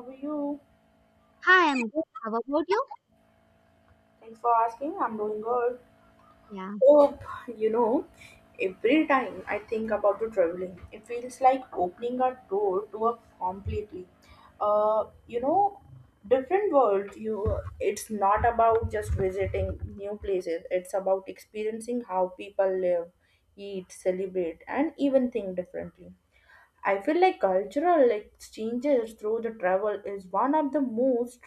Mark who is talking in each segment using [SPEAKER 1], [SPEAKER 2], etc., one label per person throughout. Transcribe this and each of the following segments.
[SPEAKER 1] How are you?
[SPEAKER 2] Hi, I'm good. How about you?
[SPEAKER 1] Thanks for asking. I'm doing good.
[SPEAKER 2] Yeah.
[SPEAKER 1] Oh, you know, every time I think about the traveling, it feels like opening a door to a completely, uh, you know, different world. It's not about just visiting new places. It's about experiencing how people live, eat, celebrate, and even think differently. I feel like cultural exchanges through the travel is one of the most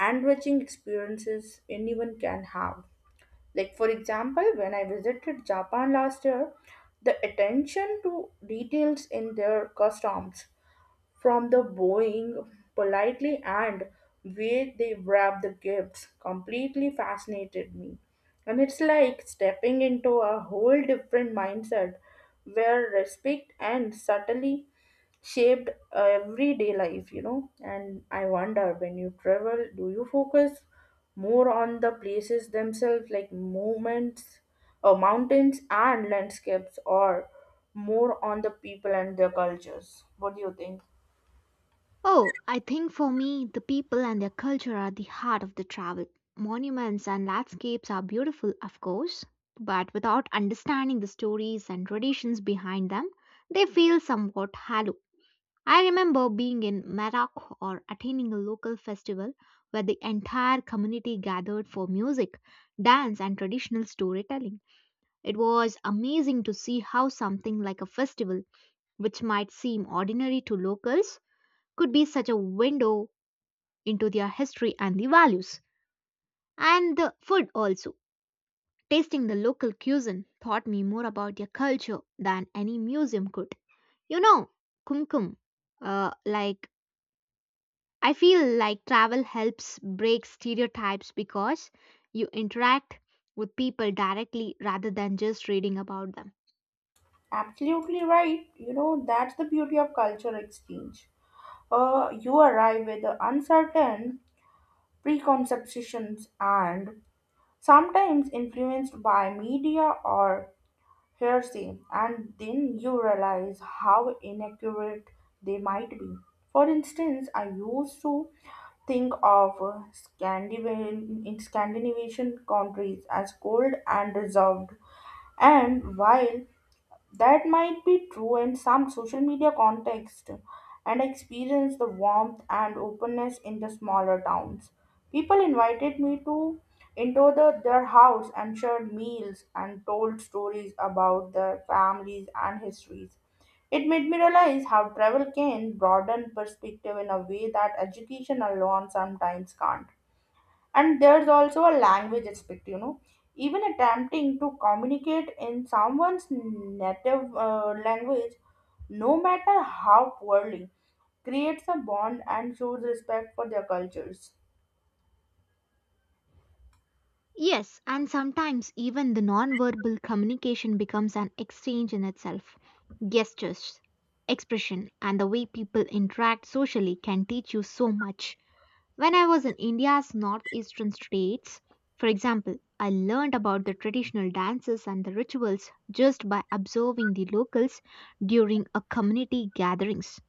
[SPEAKER 1] enriching experiences anyone can have. Like, for example, when I visited Japan last year, the attention to details in their customs from the bowing politely and where they wrap the gifts completely fascinated me. And it's like stepping into a whole different mindset where respect and subtly shaped everyday life. And I wonder when you travel, do you focus more on the places themselves, like movements, mountains, and landscapes, or more on the people and their cultures? What do you think?
[SPEAKER 2] Oh, I think for me, the people and their culture are the heart of the travel. Monuments and landscapes are beautiful, of course, but without understanding the stories and traditions behind them, they feel somewhat hollow. I remember being in Merak or attending a local festival where the entire community gathered for music, dance, and traditional storytelling. It was amazing to see how something like a festival which might seem ordinary to locals, could be such a window into their history and the values. And the food also. Tasting the local cuisine taught me more about their culture than any museum could. You know, kumkum, like I feel like travel helps break stereotypes because you interact with people directly rather than just reading about them.
[SPEAKER 1] Absolutely right. You know, that's the beauty of cultural exchange. You arrive with the uncertain preconceptions and sometimes influenced by media or hearsay, and then you realize how inaccurate they might be. For instance, I used to think of in Scandinavian countries as cold and reserved, and while that might be true in some social media context and I experienced the warmth and openness in the smaller towns. People invited me to into the, their house and shared meals and told stories about their families and histories. It made me realize how travel can broaden perspective in a way that education alone sometimes can't. And there's also a language aspect, you know, even attempting to communicate in someone's native language, no matter how poorly, creates a bond and shows respect for their cultures.
[SPEAKER 2] Yes, and sometimes even the non-verbal communication becomes an exchange in itself. Gestures, expression, and the way people interact socially can teach you so much. When I was in India's northeastern states, for example, I learned about the traditional dances and the rituals just by observing the locals during a community gatherings.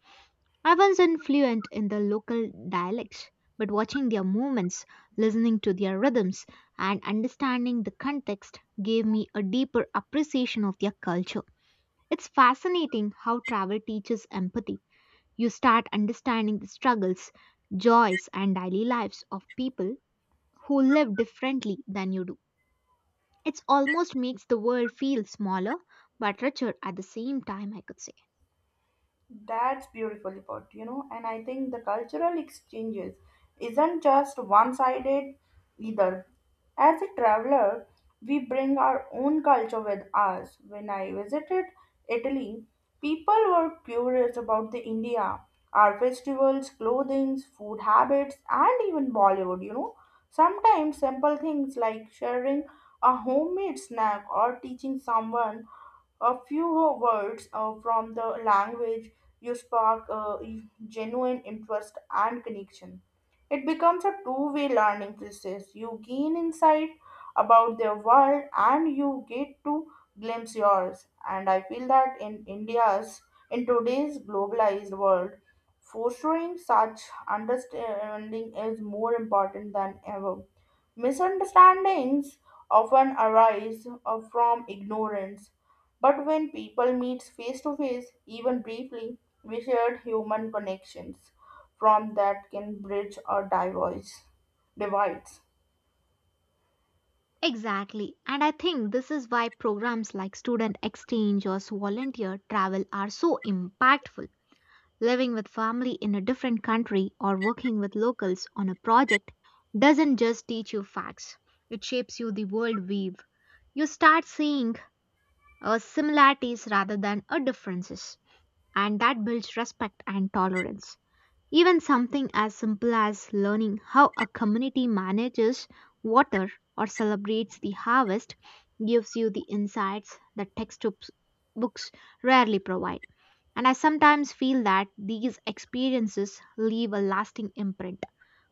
[SPEAKER 2] I wasn't fluent in the local dialects, but watching their movements, listening to their rhythms, and understanding the context gave me a deeper appreciation of their culture. It's fascinating how travel teaches empathy. You start understanding the struggles, joys, and daily lives of people who live differently than you do. It almost makes the world feel smaller but richer at the same time, I could say.
[SPEAKER 1] That's beautifully put, you know, and I think the cultural exchanges isn't just one sided either. As a traveler, we bring our own culture with us. When I visited Italy, people were curious about the India, our festivals, clothing, food habits, and even Bollywood, you know. Sometimes simple things like sharing a homemade snack or teaching someone a few words from the language you spark genuine interest and connection. It becomes a two-way learning process. You gain insight about their world and you get to glimpse yours. And I feel that in today's globalized world, fostering such understanding is more important than ever. Misunderstandings often arise from ignorance, but when people meet face to face, even briefly, we shared human connections from that can bridge or divorce divides.
[SPEAKER 2] Exactly. And I think this is why programs like student exchange or volunteer travel are so impactful. Living with family in a different country or working with locals on a project doesn't just teach you facts, it shapes you the world weave. You start seeing similarities rather than differences, and that builds respect and tolerance. Even something as simple as learning how a community manages water or celebrates the harvest gives you the insights that textbooks books rarely provide. And I sometimes feel that these experiences leave a lasting imprint,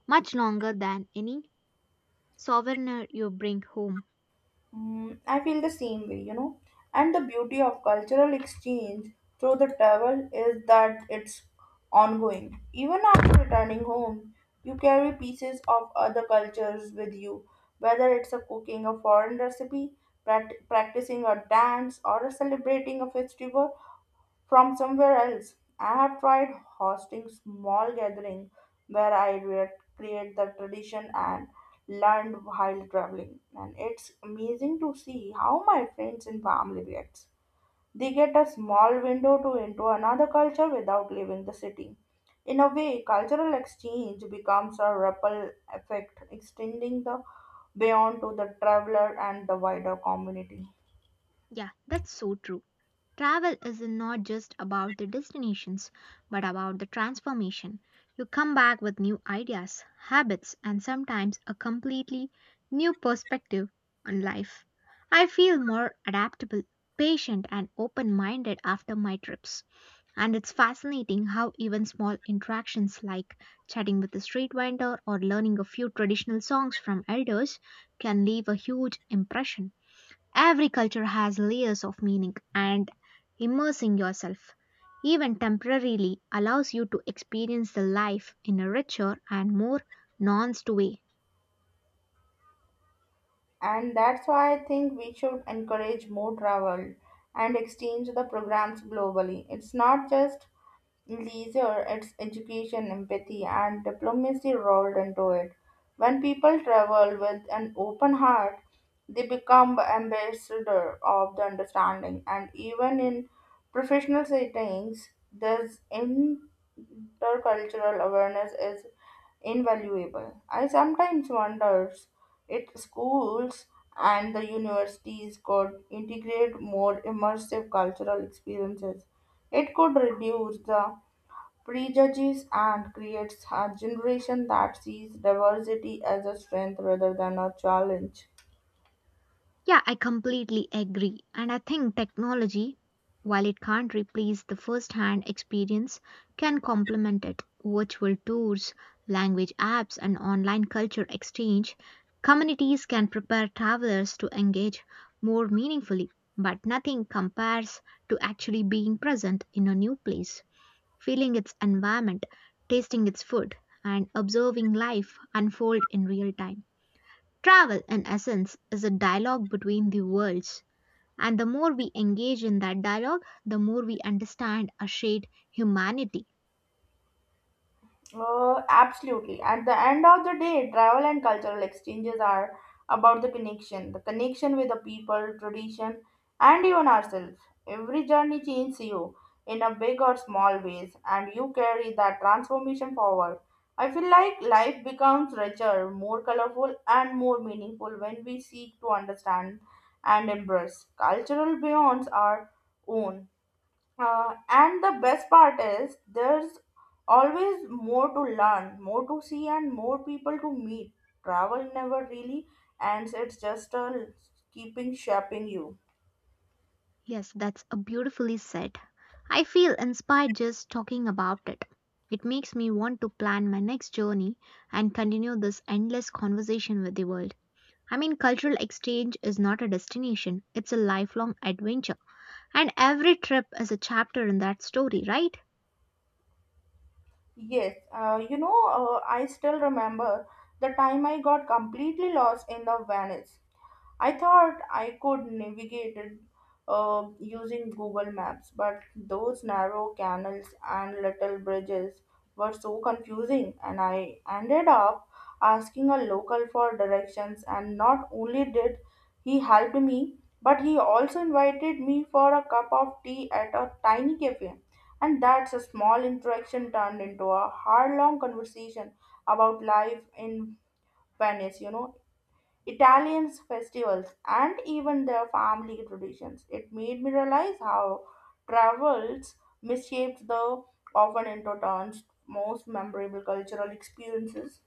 [SPEAKER 2] much longer than any souvenir you bring home.
[SPEAKER 1] Mm, I feel the same way, you know. And the beauty of cultural exchange through the travel is that it's ongoing. Even after returning home, you carry pieces of other cultures with you, whether it's a cooking a foreign recipe, practicing a dance, or a celebrating a festival from somewhere else. I have tried hosting small gatherings where I recreate the tradition and learned while traveling. And it's amazing to see how my friends and family reacts. They get a small window to into another culture without leaving the city. In a way, cultural exchange becomes a ripple effect, extending the beyond to the traveler and the wider community.
[SPEAKER 2] Yeah, that's so true. Travel is not just about the destinations, but about the transformation. You come back with new ideas, habits, and sometimes a completely new perspective on life. I feel more adaptable, patient, and open minded after my trips. And it's fascinating how even small interactions like chatting with a street vendor or learning a few traditional songs from elders can leave a huge impression. Every culture has layers of meaning, and immersing yourself, even temporarily, allows you to experience the life in a richer and more nuanced way.
[SPEAKER 1] And that's why I think we should encourage more travel and exchange the programs globally. It's not just leisure, it's education, empathy, and diplomacy rolled into it. When people travel with an open heart, they become ambassador of the understanding. And even in professional settings, this intercultural awareness is invaluable. I sometimes wonder if schools and the universities could integrate more immersive cultural experiences. It could reduce the prejudices and creates a generation that sees diversity as a strength rather than a challenge.
[SPEAKER 2] Yeah, I completely agree. And I think technology, while it can't replace the first hand experience, can complement it. Virtual tours, language apps, and online culture exchange communities can prepare travelers to engage more meaningfully. But nothing compares to actually being present in a new place, feeling its environment, tasting its food, and observing life unfold in real time. Travel, in essence, is a dialogue between the worlds, and the more we engage in that dialogue, the more we understand a shared humanity.
[SPEAKER 1] Absolutely. At the end of the day, travel and cultural exchanges are about the connection with the people, tradition, and even ourselves. Every journey changes you in a big or small ways, and you carry that transformation forward. I feel like life becomes richer, more colorful, and more meaningful when we seek to understand and embrace cultural beyonds our own. And the best part is there's always more to learn, more to see, and more people to meet. Travel never really ends, it's just keeping shaping you.
[SPEAKER 2] Yes, that's a beautifully said. I feel inspired just talking about it. It makes me want to plan my next journey and continue this endless conversation with the world. I mean, cultural exchange is not a destination, it's a lifelong adventure. And every trip is a chapter in that story, right?
[SPEAKER 1] Yes, I still remember the time I got completely lost in the Venice. I thought I could navigate it using Google Maps, but those narrow canals and little bridges were so confusing, and I ended up asking a local for directions. And not only did he help me, but he also invited me for a cup of tea at a tiny cafe. And that's a small interaction turned into a hard long conversation about life in Venice, you know, Italians' festivals, and even their family traditions. It made me realize how travels misshaped the often into turns most memorable cultural experiences.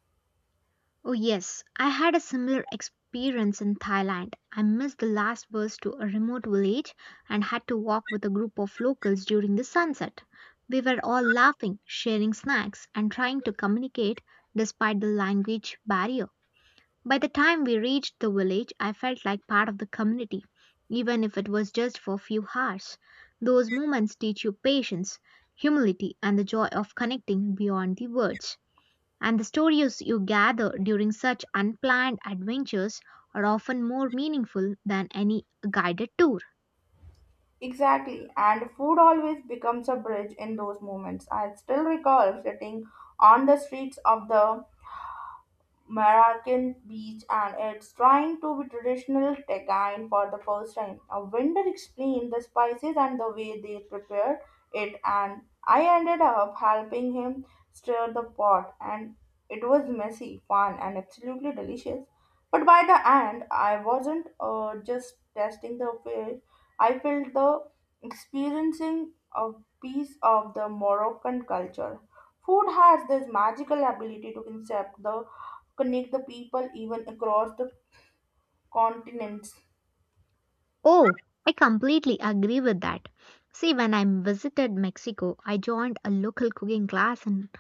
[SPEAKER 2] Oh, yes, I had a similar experience in Thailand. I missed the last bus to a remote village and had to walk with a group of locals during the sunset. We were all laughing, sharing snacks, and trying to communicate despite the language barrier. By the time we reached the village, I felt like part of the community, even if it was just for a few hours. Those moments teach you patience, humility, and the joy of connecting beyond the words. And the stories you gather during such unplanned adventures are often more meaningful than any guided tour.
[SPEAKER 1] Exactly, and food always becomes a bridge in those moments. I still recall sitting on the streets of the Marrakesh Beach and it's trying to be traditional Tegain for the first time. A vendor explained the spices and the way they prepared it, and I ended up helping him stir the pot, and it was messy, fun and absolutely delicious. But by the end, I wasn't just tasting the fish. I felt the experiencing a piece of the Moroccan culture. Food has this magical ability to concept the connect the people even across the continents.
[SPEAKER 2] Oh, I completely agree with that. See, when I visited Mexico, I joined a local cooking class in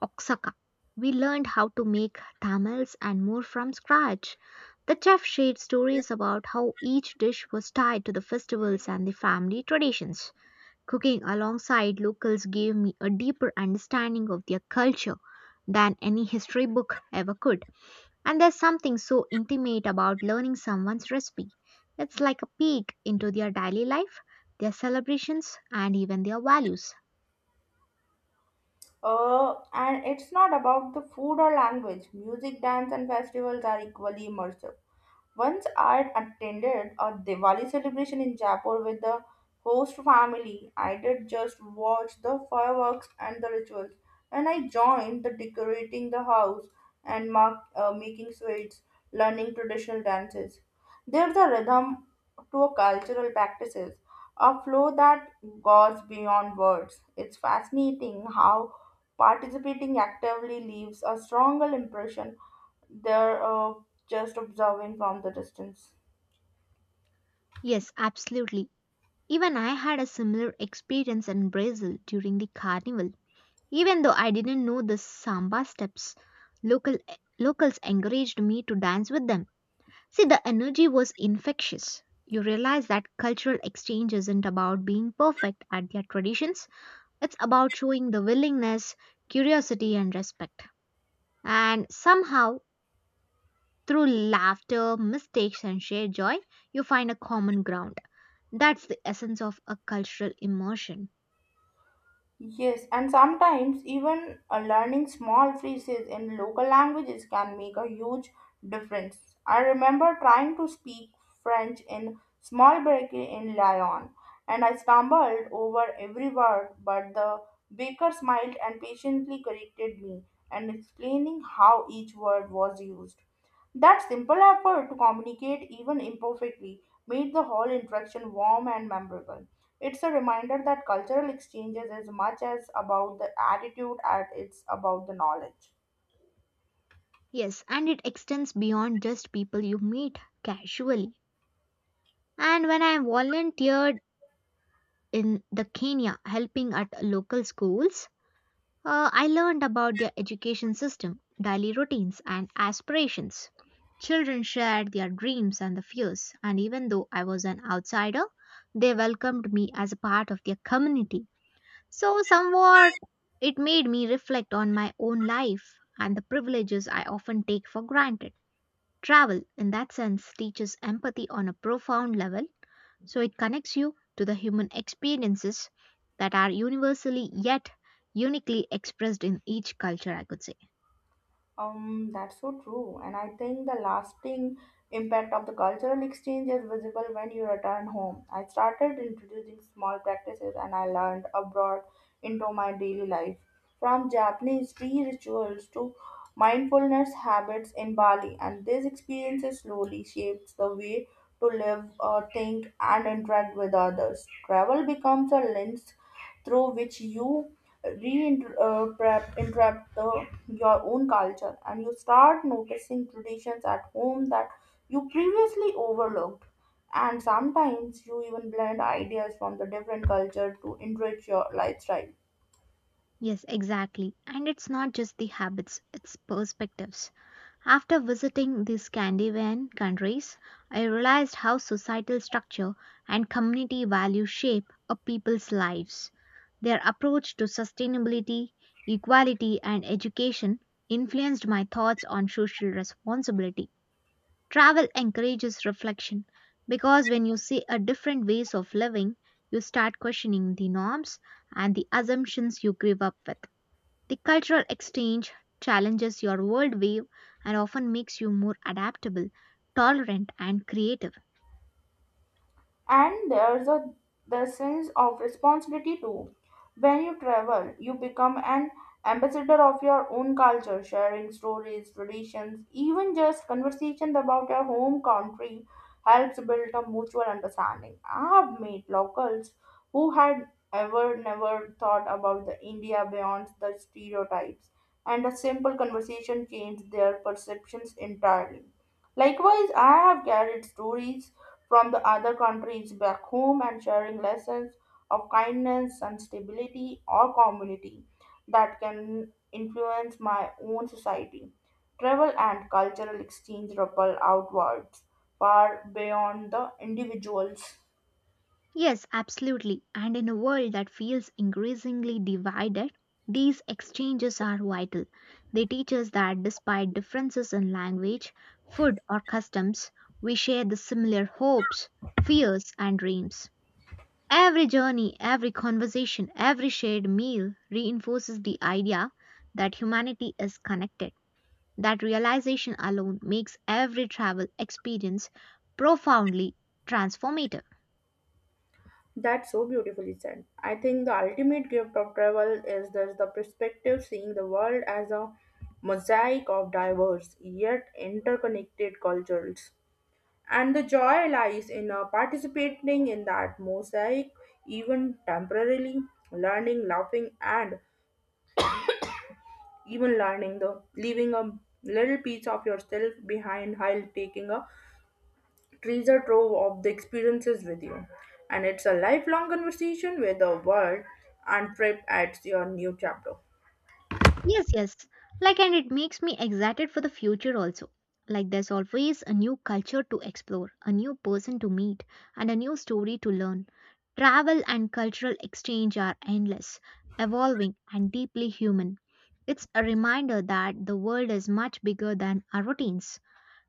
[SPEAKER 2] Oaxaca. We learned how to make tamales and more from scratch. The chef shared stories about how each dish was tied to the festivals and the family traditions. Cooking alongside locals gave me a deeper understanding of their culture than any history book ever could. And there's something so intimate about learning someone's recipe. It's like a peek into their daily life, their celebrations, and even their values.
[SPEAKER 1] And it's not about the food or language. Music, dance, and festivals are equally immersive. Once I attended a Diwali celebration in Jaipur with the host family. I did just watch the fireworks and the rituals, and I joined the decorating the house and making sweets, learning traditional dances. There's a rhythm to a cultural practices, a flow that goes beyond words. It's fascinating how participating actively leaves a stronger impression they're just observing from the distance.
[SPEAKER 2] Yes, absolutely. Even I had a similar experience in Brazil during the carnival. Even though I didn't know the samba steps, local locals encouraged me to dance with them. See, the energy was infectious. You realize that cultural exchange isn't about being perfect at their traditions, it's about showing the willingness, curiosity, and respect. And somehow, through laughter, mistakes, and shared joy, you find a common ground. That's the essence of a cultural immersion.
[SPEAKER 1] Yes, and sometimes even learning small phrases in local languages can make a huge difference. I remember trying to speak French in small bakery in Lyon, and I stumbled over every word, but the baker smiled and patiently corrected me and explaining how each word was used. That simple effort to communicate, even imperfectly, made the whole interaction warm and memorable. It's a reminder that cultural exchanges is much as about the attitude as it's about the knowledge.
[SPEAKER 2] Yes, and it extends beyond just people you meet casually. And when I volunteered in the Kenya helping at local schools, I learned about their education system, daily routines, and aspirations. Children shared their dreams and the fears, and even though I was an outsider, they welcomed me as a part of their community. So, somewhat, it made me reflect on my own life and the privileges I often take for granted. Travel, in that sense, teaches empathy on a profound level so it connects you to the human experiences that are universally yet uniquely expressed in each culture, I could say.
[SPEAKER 1] That's so true. And I think the lasting impact of the cultural exchange is visible when you return home. I started introducing small practices and I learned abroad into my daily life. From Japanese tea rituals to mindfulness habits in Bali, and these experiences slowly shapes the way to live, think, and interact with others. Travel becomes a lens through which you reinterpret the your own culture, and you start noticing traditions at home that you previously overlooked, and sometimes you even blend ideas from the different culture to enrich your lifestyle.
[SPEAKER 2] Yes, exactly. And it's not just the habits, it's perspectives. After visiting the Scandinavian countries, I realized how societal structure and community values shape a people's lives. Their approach to sustainability, equality, and education influenced my thoughts on social responsibility. Travel encourages reflection because when you see a different ways of living, you start questioning the norms and the assumptions you grew up with. The cultural exchange challenges your worldview and often makes you more adaptable, tolerant, and creative.
[SPEAKER 1] And there's a the sense of responsibility too. When you travel, you become an ambassador of your own culture, sharing stories, traditions, even just conversations about your home country helps build a mutual understanding. I have met locals who had ever never thought about the India beyond the stereotypes, and a simple conversation changed their perceptions entirely. Likewise, I have carried stories from the other countries back home and sharing lessons of kindness and stability or community that can influence my own society. Travel and cultural exchange ripple outwards far beyond the individuals.
[SPEAKER 2] Yes, absolutely. And in a world that feels increasingly divided, these exchanges are vital. They teach us that despite differences in language, food, or customs, we share the similar hopes, fears, and dreams. Every journey, every conversation, every shared meal reinforces the idea that humanity is connected. That realization alone makes every travel experience profoundly transformative.
[SPEAKER 1] That's so beautifully said. I think the ultimate gift of travel is this the perspective, seeing the world as a mosaic of diverse yet interconnected cultures. And the joy lies in participating in that mosaic, even temporarily, learning, laughing, and even learning the leaving a little piece of yourself behind while taking a treasure trove of the experiences with you. And it's a lifelong conversation with the world and trip at your new chapter.
[SPEAKER 2] Yes, yes. Like, and it makes me excited for the future also. Like, there's always a new culture to explore, a new person to meet, and a new story to learn. Travel and cultural exchange are endless, evolving, and deeply human. It's a reminder that the world is much bigger than our routines,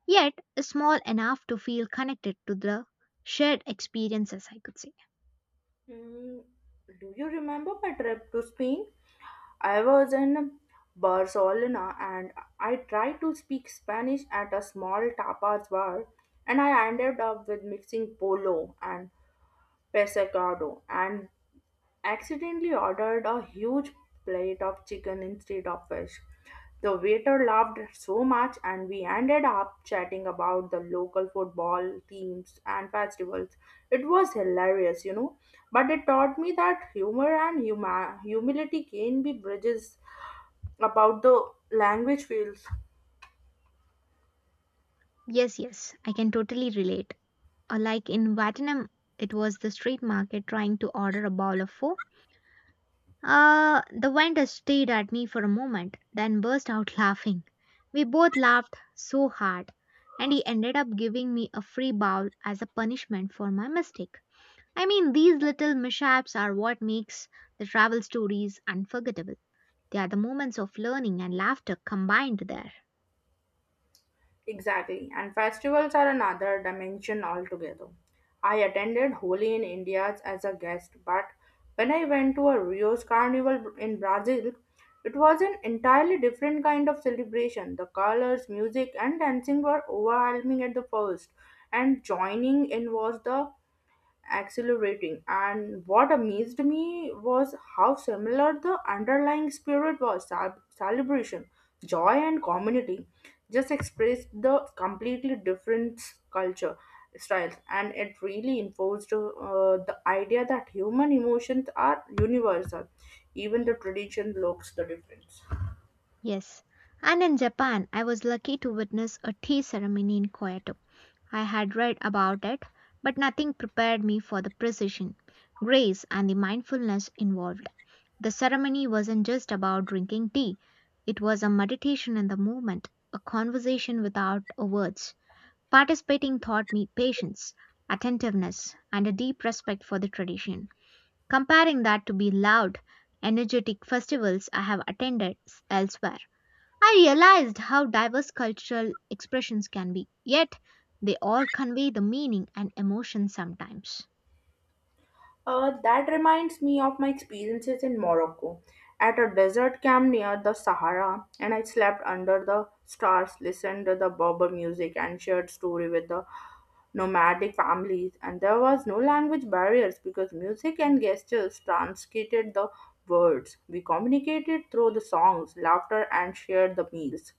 [SPEAKER 2] yet small enough to feel connected to the shared experiences, I could say.
[SPEAKER 1] Hmm, do you remember my trip to Spain? I was in Barcelona, and I tried to speak Spanish at a small tapas bar, and I ended up with mixing polo and pescado and accidentally ordered a huge plate of chicken instead of fish. The waiter laughed so much and we ended up chatting about the local football teams and festivals. It was hilarious, you know, but it taught me that humor and humility can be bridges about the language fields.
[SPEAKER 2] Yes, yes, I can totally relate. Like in Vietnam, it was the street market trying to order a bowl of pho. The vendor stared at me for a moment, then burst out laughing. We both laughed so hard, and he ended up giving me a free bowl as a punishment for my mistake. I mean, these little mishaps are what makes the travel stories unforgettable. They are the moments of learning and laughter combined there.
[SPEAKER 1] Exactly, and festivals are another dimension altogether. I attended Holi in India as a guest, but when I went to a Rio's carnival in Brazil, it was an entirely different kind of celebration. The colors, music and dancing were overwhelming at the first, and joining in was the accelerating. And what amazed me was how similar the underlying spirit was celebration, joy, and community. Just expressed the completely different culture styles, and it really enforced the idea that human emotions are universal, even the tradition looks the difference.
[SPEAKER 2] Yes. And in Japan, I was lucky to witness a tea ceremony in Kyoto. I had read about it, but nothing prepared me for the precision, grace, and the mindfulness involved. The ceremony wasn't just about drinking tea, it was a meditation in the moment, a conversation without a words. Participating taught me patience, attentiveness, and a deep respect for the tradition. Comparing that to the loud, energetic festivals I have attended elsewhere. I realized how diverse cultural expressions can be, yet they all convey the meaning and emotion sometimes.
[SPEAKER 1] That reminds me of my experiences in Morocco at a desert camp near the Sahara, and I slept under the stars, listened to the Berber music, and shared story with the nomadic families. And there was no language barriers because music and gestures translated the words. We communicated through the songs, laughter, and shared the meals,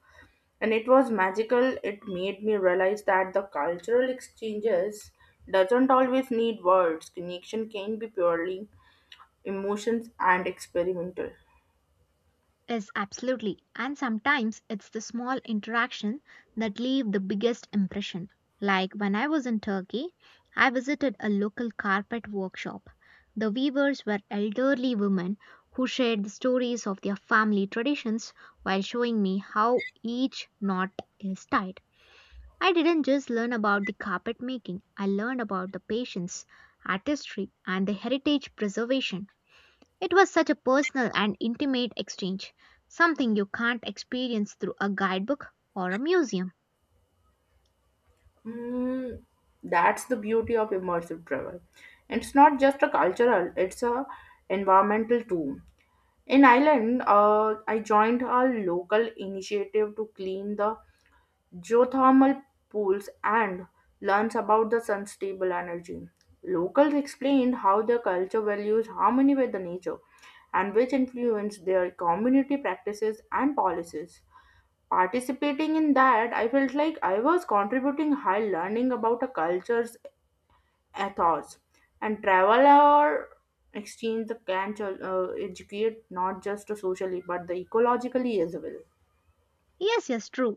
[SPEAKER 1] and it was magical. It made me realize that the cultural exchanges doesn't always need words. Connection can be purely emotions and experimental.
[SPEAKER 2] Yes, absolutely. And sometimes it's the small interaction that leave the biggest impression. Like when I was in Turkey, I visited a local carpet workshop. The weavers were elderly women who shared the stories of their family traditions while showing me how each knot is tied. I didn't just learn about the carpet making, I learned about the patience, artistry, and the heritage preservation. It was such a personal and intimate exchange, something you can't experience through a guidebook or a museum.
[SPEAKER 1] Mm, that's the beauty of immersive travel, and it's not just a cultural, it's a environmental too. In Ireland, I joined a local initiative to clean the geothermal pools and learns about the sun's stable energy. Locals explained how their culture values harmony with the nature and which influence their community practices and policies. Participating in that, I felt like I was contributing while learning about a culture's ethos. And travel or exchange can educate not just socially but the ecologically as well.
[SPEAKER 2] Yes, yes, true.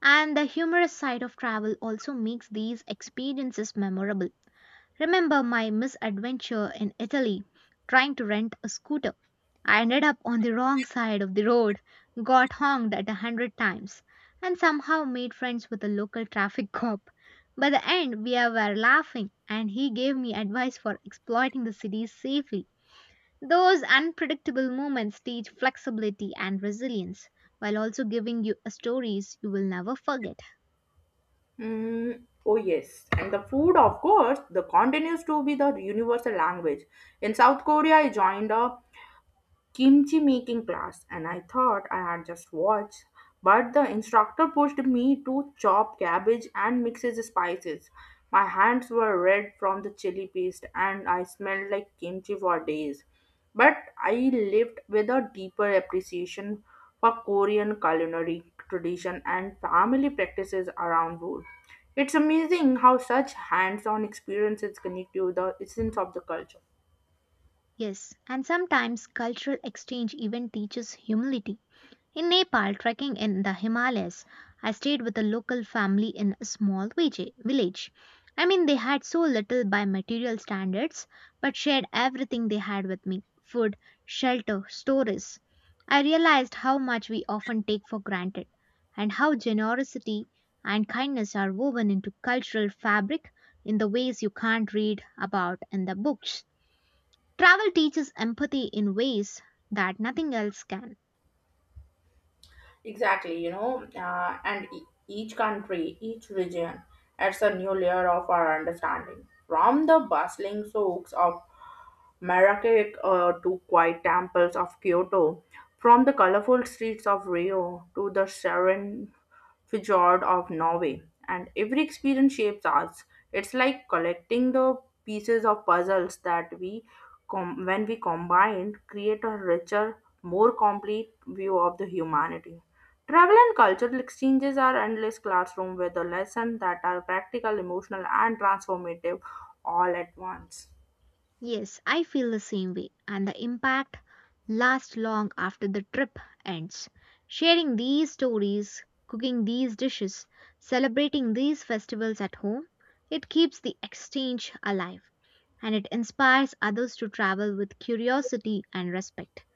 [SPEAKER 2] And the humorous side of travel also makes these experiences memorable. Remember my misadventure in Italy trying to rent a scooter? I ended up on the wrong side of the road, got honked at 100 times, and somehow made friends with a local traffic cop. By the end, we were laughing, and he gave me advice for exploiting the city safely. Those unpredictable moments teach flexibility and resilience while also giving you stories you will never forget.
[SPEAKER 1] Mm, oh yes, and the food, of course, the continues to be the universal language. In South Korea, I joined a kimchi making class and I thought I had just watched, but the instructor pushed me to chop cabbage and mix the spices. My hands were red from the chili paste and I smelled like kimchi for days. But I lived with a deeper appreciation for Korean culinary tradition and family practices around food. It's amazing how such hands on experiences connect you to the essence of the culture.
[SPEAKER 2] Yes, and sometimes cultural exchange even teaches humility. In Nepal, trekking in the Himalayas, I stayed with a local family in a small village. I mean, they had so little by material standards, but shared everything they had with me food, shelter, stories. I realized how much we often take for granted and how generosity and kindness are woven into cultural fabric in the ways you can't read about in the books. Travel teaches empathy in ways that nothing else can.
[SPEAKER 1] Exactly, you know, and each country, each region adds a new layer of our understanding. From the bustling souks of Marrakech, to quiet temples of Kyoto, from the colorful streets of Rio to the serene fjord of Norway, and every experience shapes us. It's like collecting the pieces of puzzles that when we combine, create a richer, more complete view of the humanity. Travel and cultural exchanges are endless classroom with the lessons that are practical, emotional, and transformative all at once.
[SPEAKER 2] Yes, I feel the same way, and the impact lasts long after the trip ends. Sharing these stories, cooking these dishes, celebrating these festivals at home, it keeps the exchange alive and it inspires others to travel with curiosity and respect.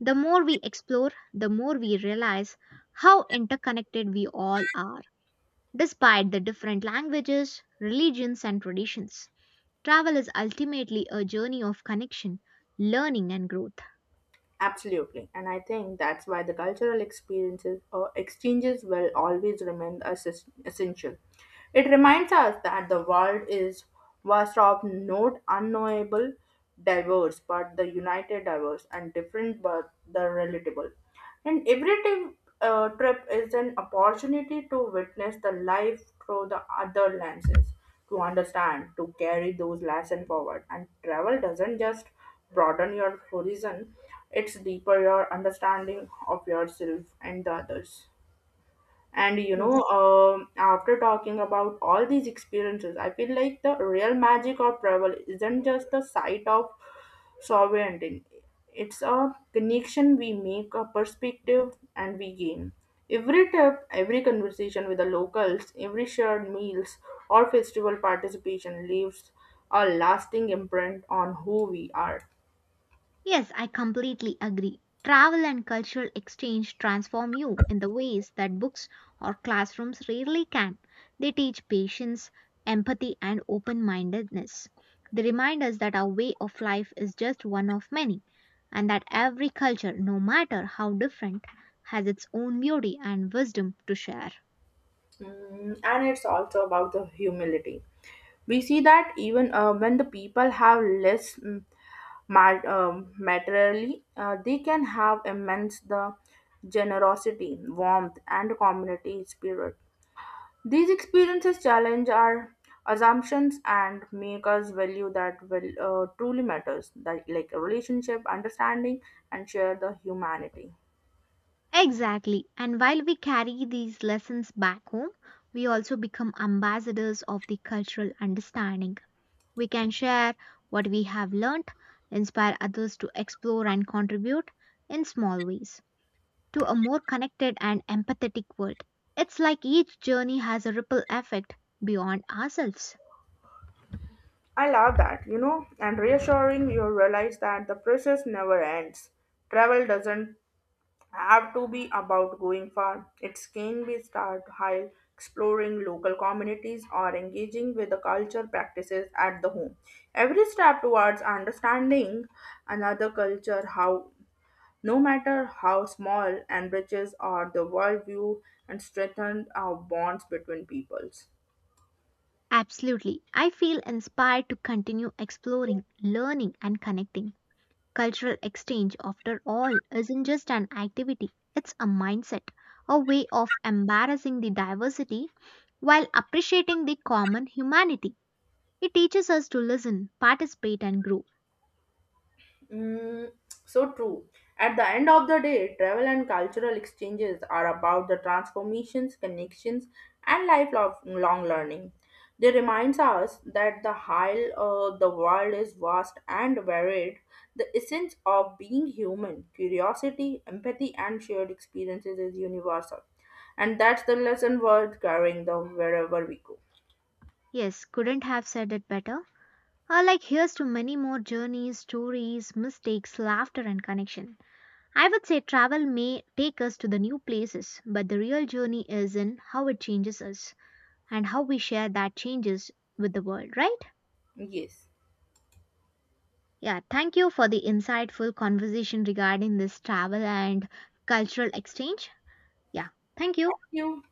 [SPEAKER 2] The more we explore, the more we realize how interconnected we all are, despite the different languages, religions, and traditions. Travel is ultimately a journey of connection, learning, and growth.
[SPEAKER 1] Absolutely. And I think that's why the cultural experiences or exchanges will always remain essential. It reminds us that the world is vast of not unknowable diverse, but the united diverse and different but the relatable. And trip is an opportunity to witness the life through the other lenses, to understand, to carry those lessons forward. And travel doesn't just broaden your horizon, it's deeper your understanding of yourself and the others. And you know,
[SPEAKER 2] Yes.
[SPEAKER 1] after talking about all these experiences, I feel like the real magic of travel isn't just the sight of sovereignty. It's a connection we make, a perspective, and we gain. Every trip, every conversation with the locals, every shared meals or festival participation leaves a lasting imprint on who we are.
[SPEAKER 2] Yes, I completely agree. Travel and cultural exchange transform you in the ways that books or classrooms rarely can. They teach patience, empathy, and open mindedness. They remind us that our way of life is just one of many, and that every culture, no matter how different, has its own beauty and wisdom to share.
[SPEAKER 1] Mm, and it's also about the humility. We see that even when the people have less, materially, they can have immense the generosity, warmth, and community spirit. These experiences challenge our assumptions and make us value that will truly matters, that like a relationship, understanding, and share the humanity.
[SPEAKER 2] Exactly. And while we carry these lessons back home, we also become ambassadors of the cultural understanding. We can share what we have learnt, inspire others to explore and contribute in small ways to a more connected and empathetic world. It's like each journey has a ripple effect beyond ourselves.
[SPEAKER 1] I love that, you know, and reassuring you realize that the process never ends. Travel doesn't have to be about going far. It can be start high exploring local communities or engaging with the culture practices at the home. Every step towards understanding another culture how no matter how small enriches or the worldview and strengthens our bonds between peoples.
[SPEAKER 2] Absolutely. I feel inspired to continue exploring, learning, and connecting. Cultural exchange, after all, isn't just an activity, it's a mindset, a way of embracing the diversity while appreciating the common humanity. It teaches us to listen, participate, and grow.
[SPEAKER 1] Mm, so true. At the end of the day, travel and cultural exchanges are about the transformations, connections, and lifelong learning. They reminds us that the while the world is vast and varied, the essence of being human, curiosity, empathy, and shared experiences is universal. And that's the lesson worth carrying the wherever we go.
[SPEAKER 2] Yes, couldn't have said it better. Like, here's to many more journeys, stories, mistakes, laughter, and connection. I would say travel may take us to the new places, but the real journey is in how it changes us and how we share that changes with the world, right?
[SPEAKER 1] Yes.
[SPEAKER 2] Yeah, thank you for the insightful conversation regarding this travel and cultural exchange. Yeah, thank you.
[SPEAKER 1] Thank you.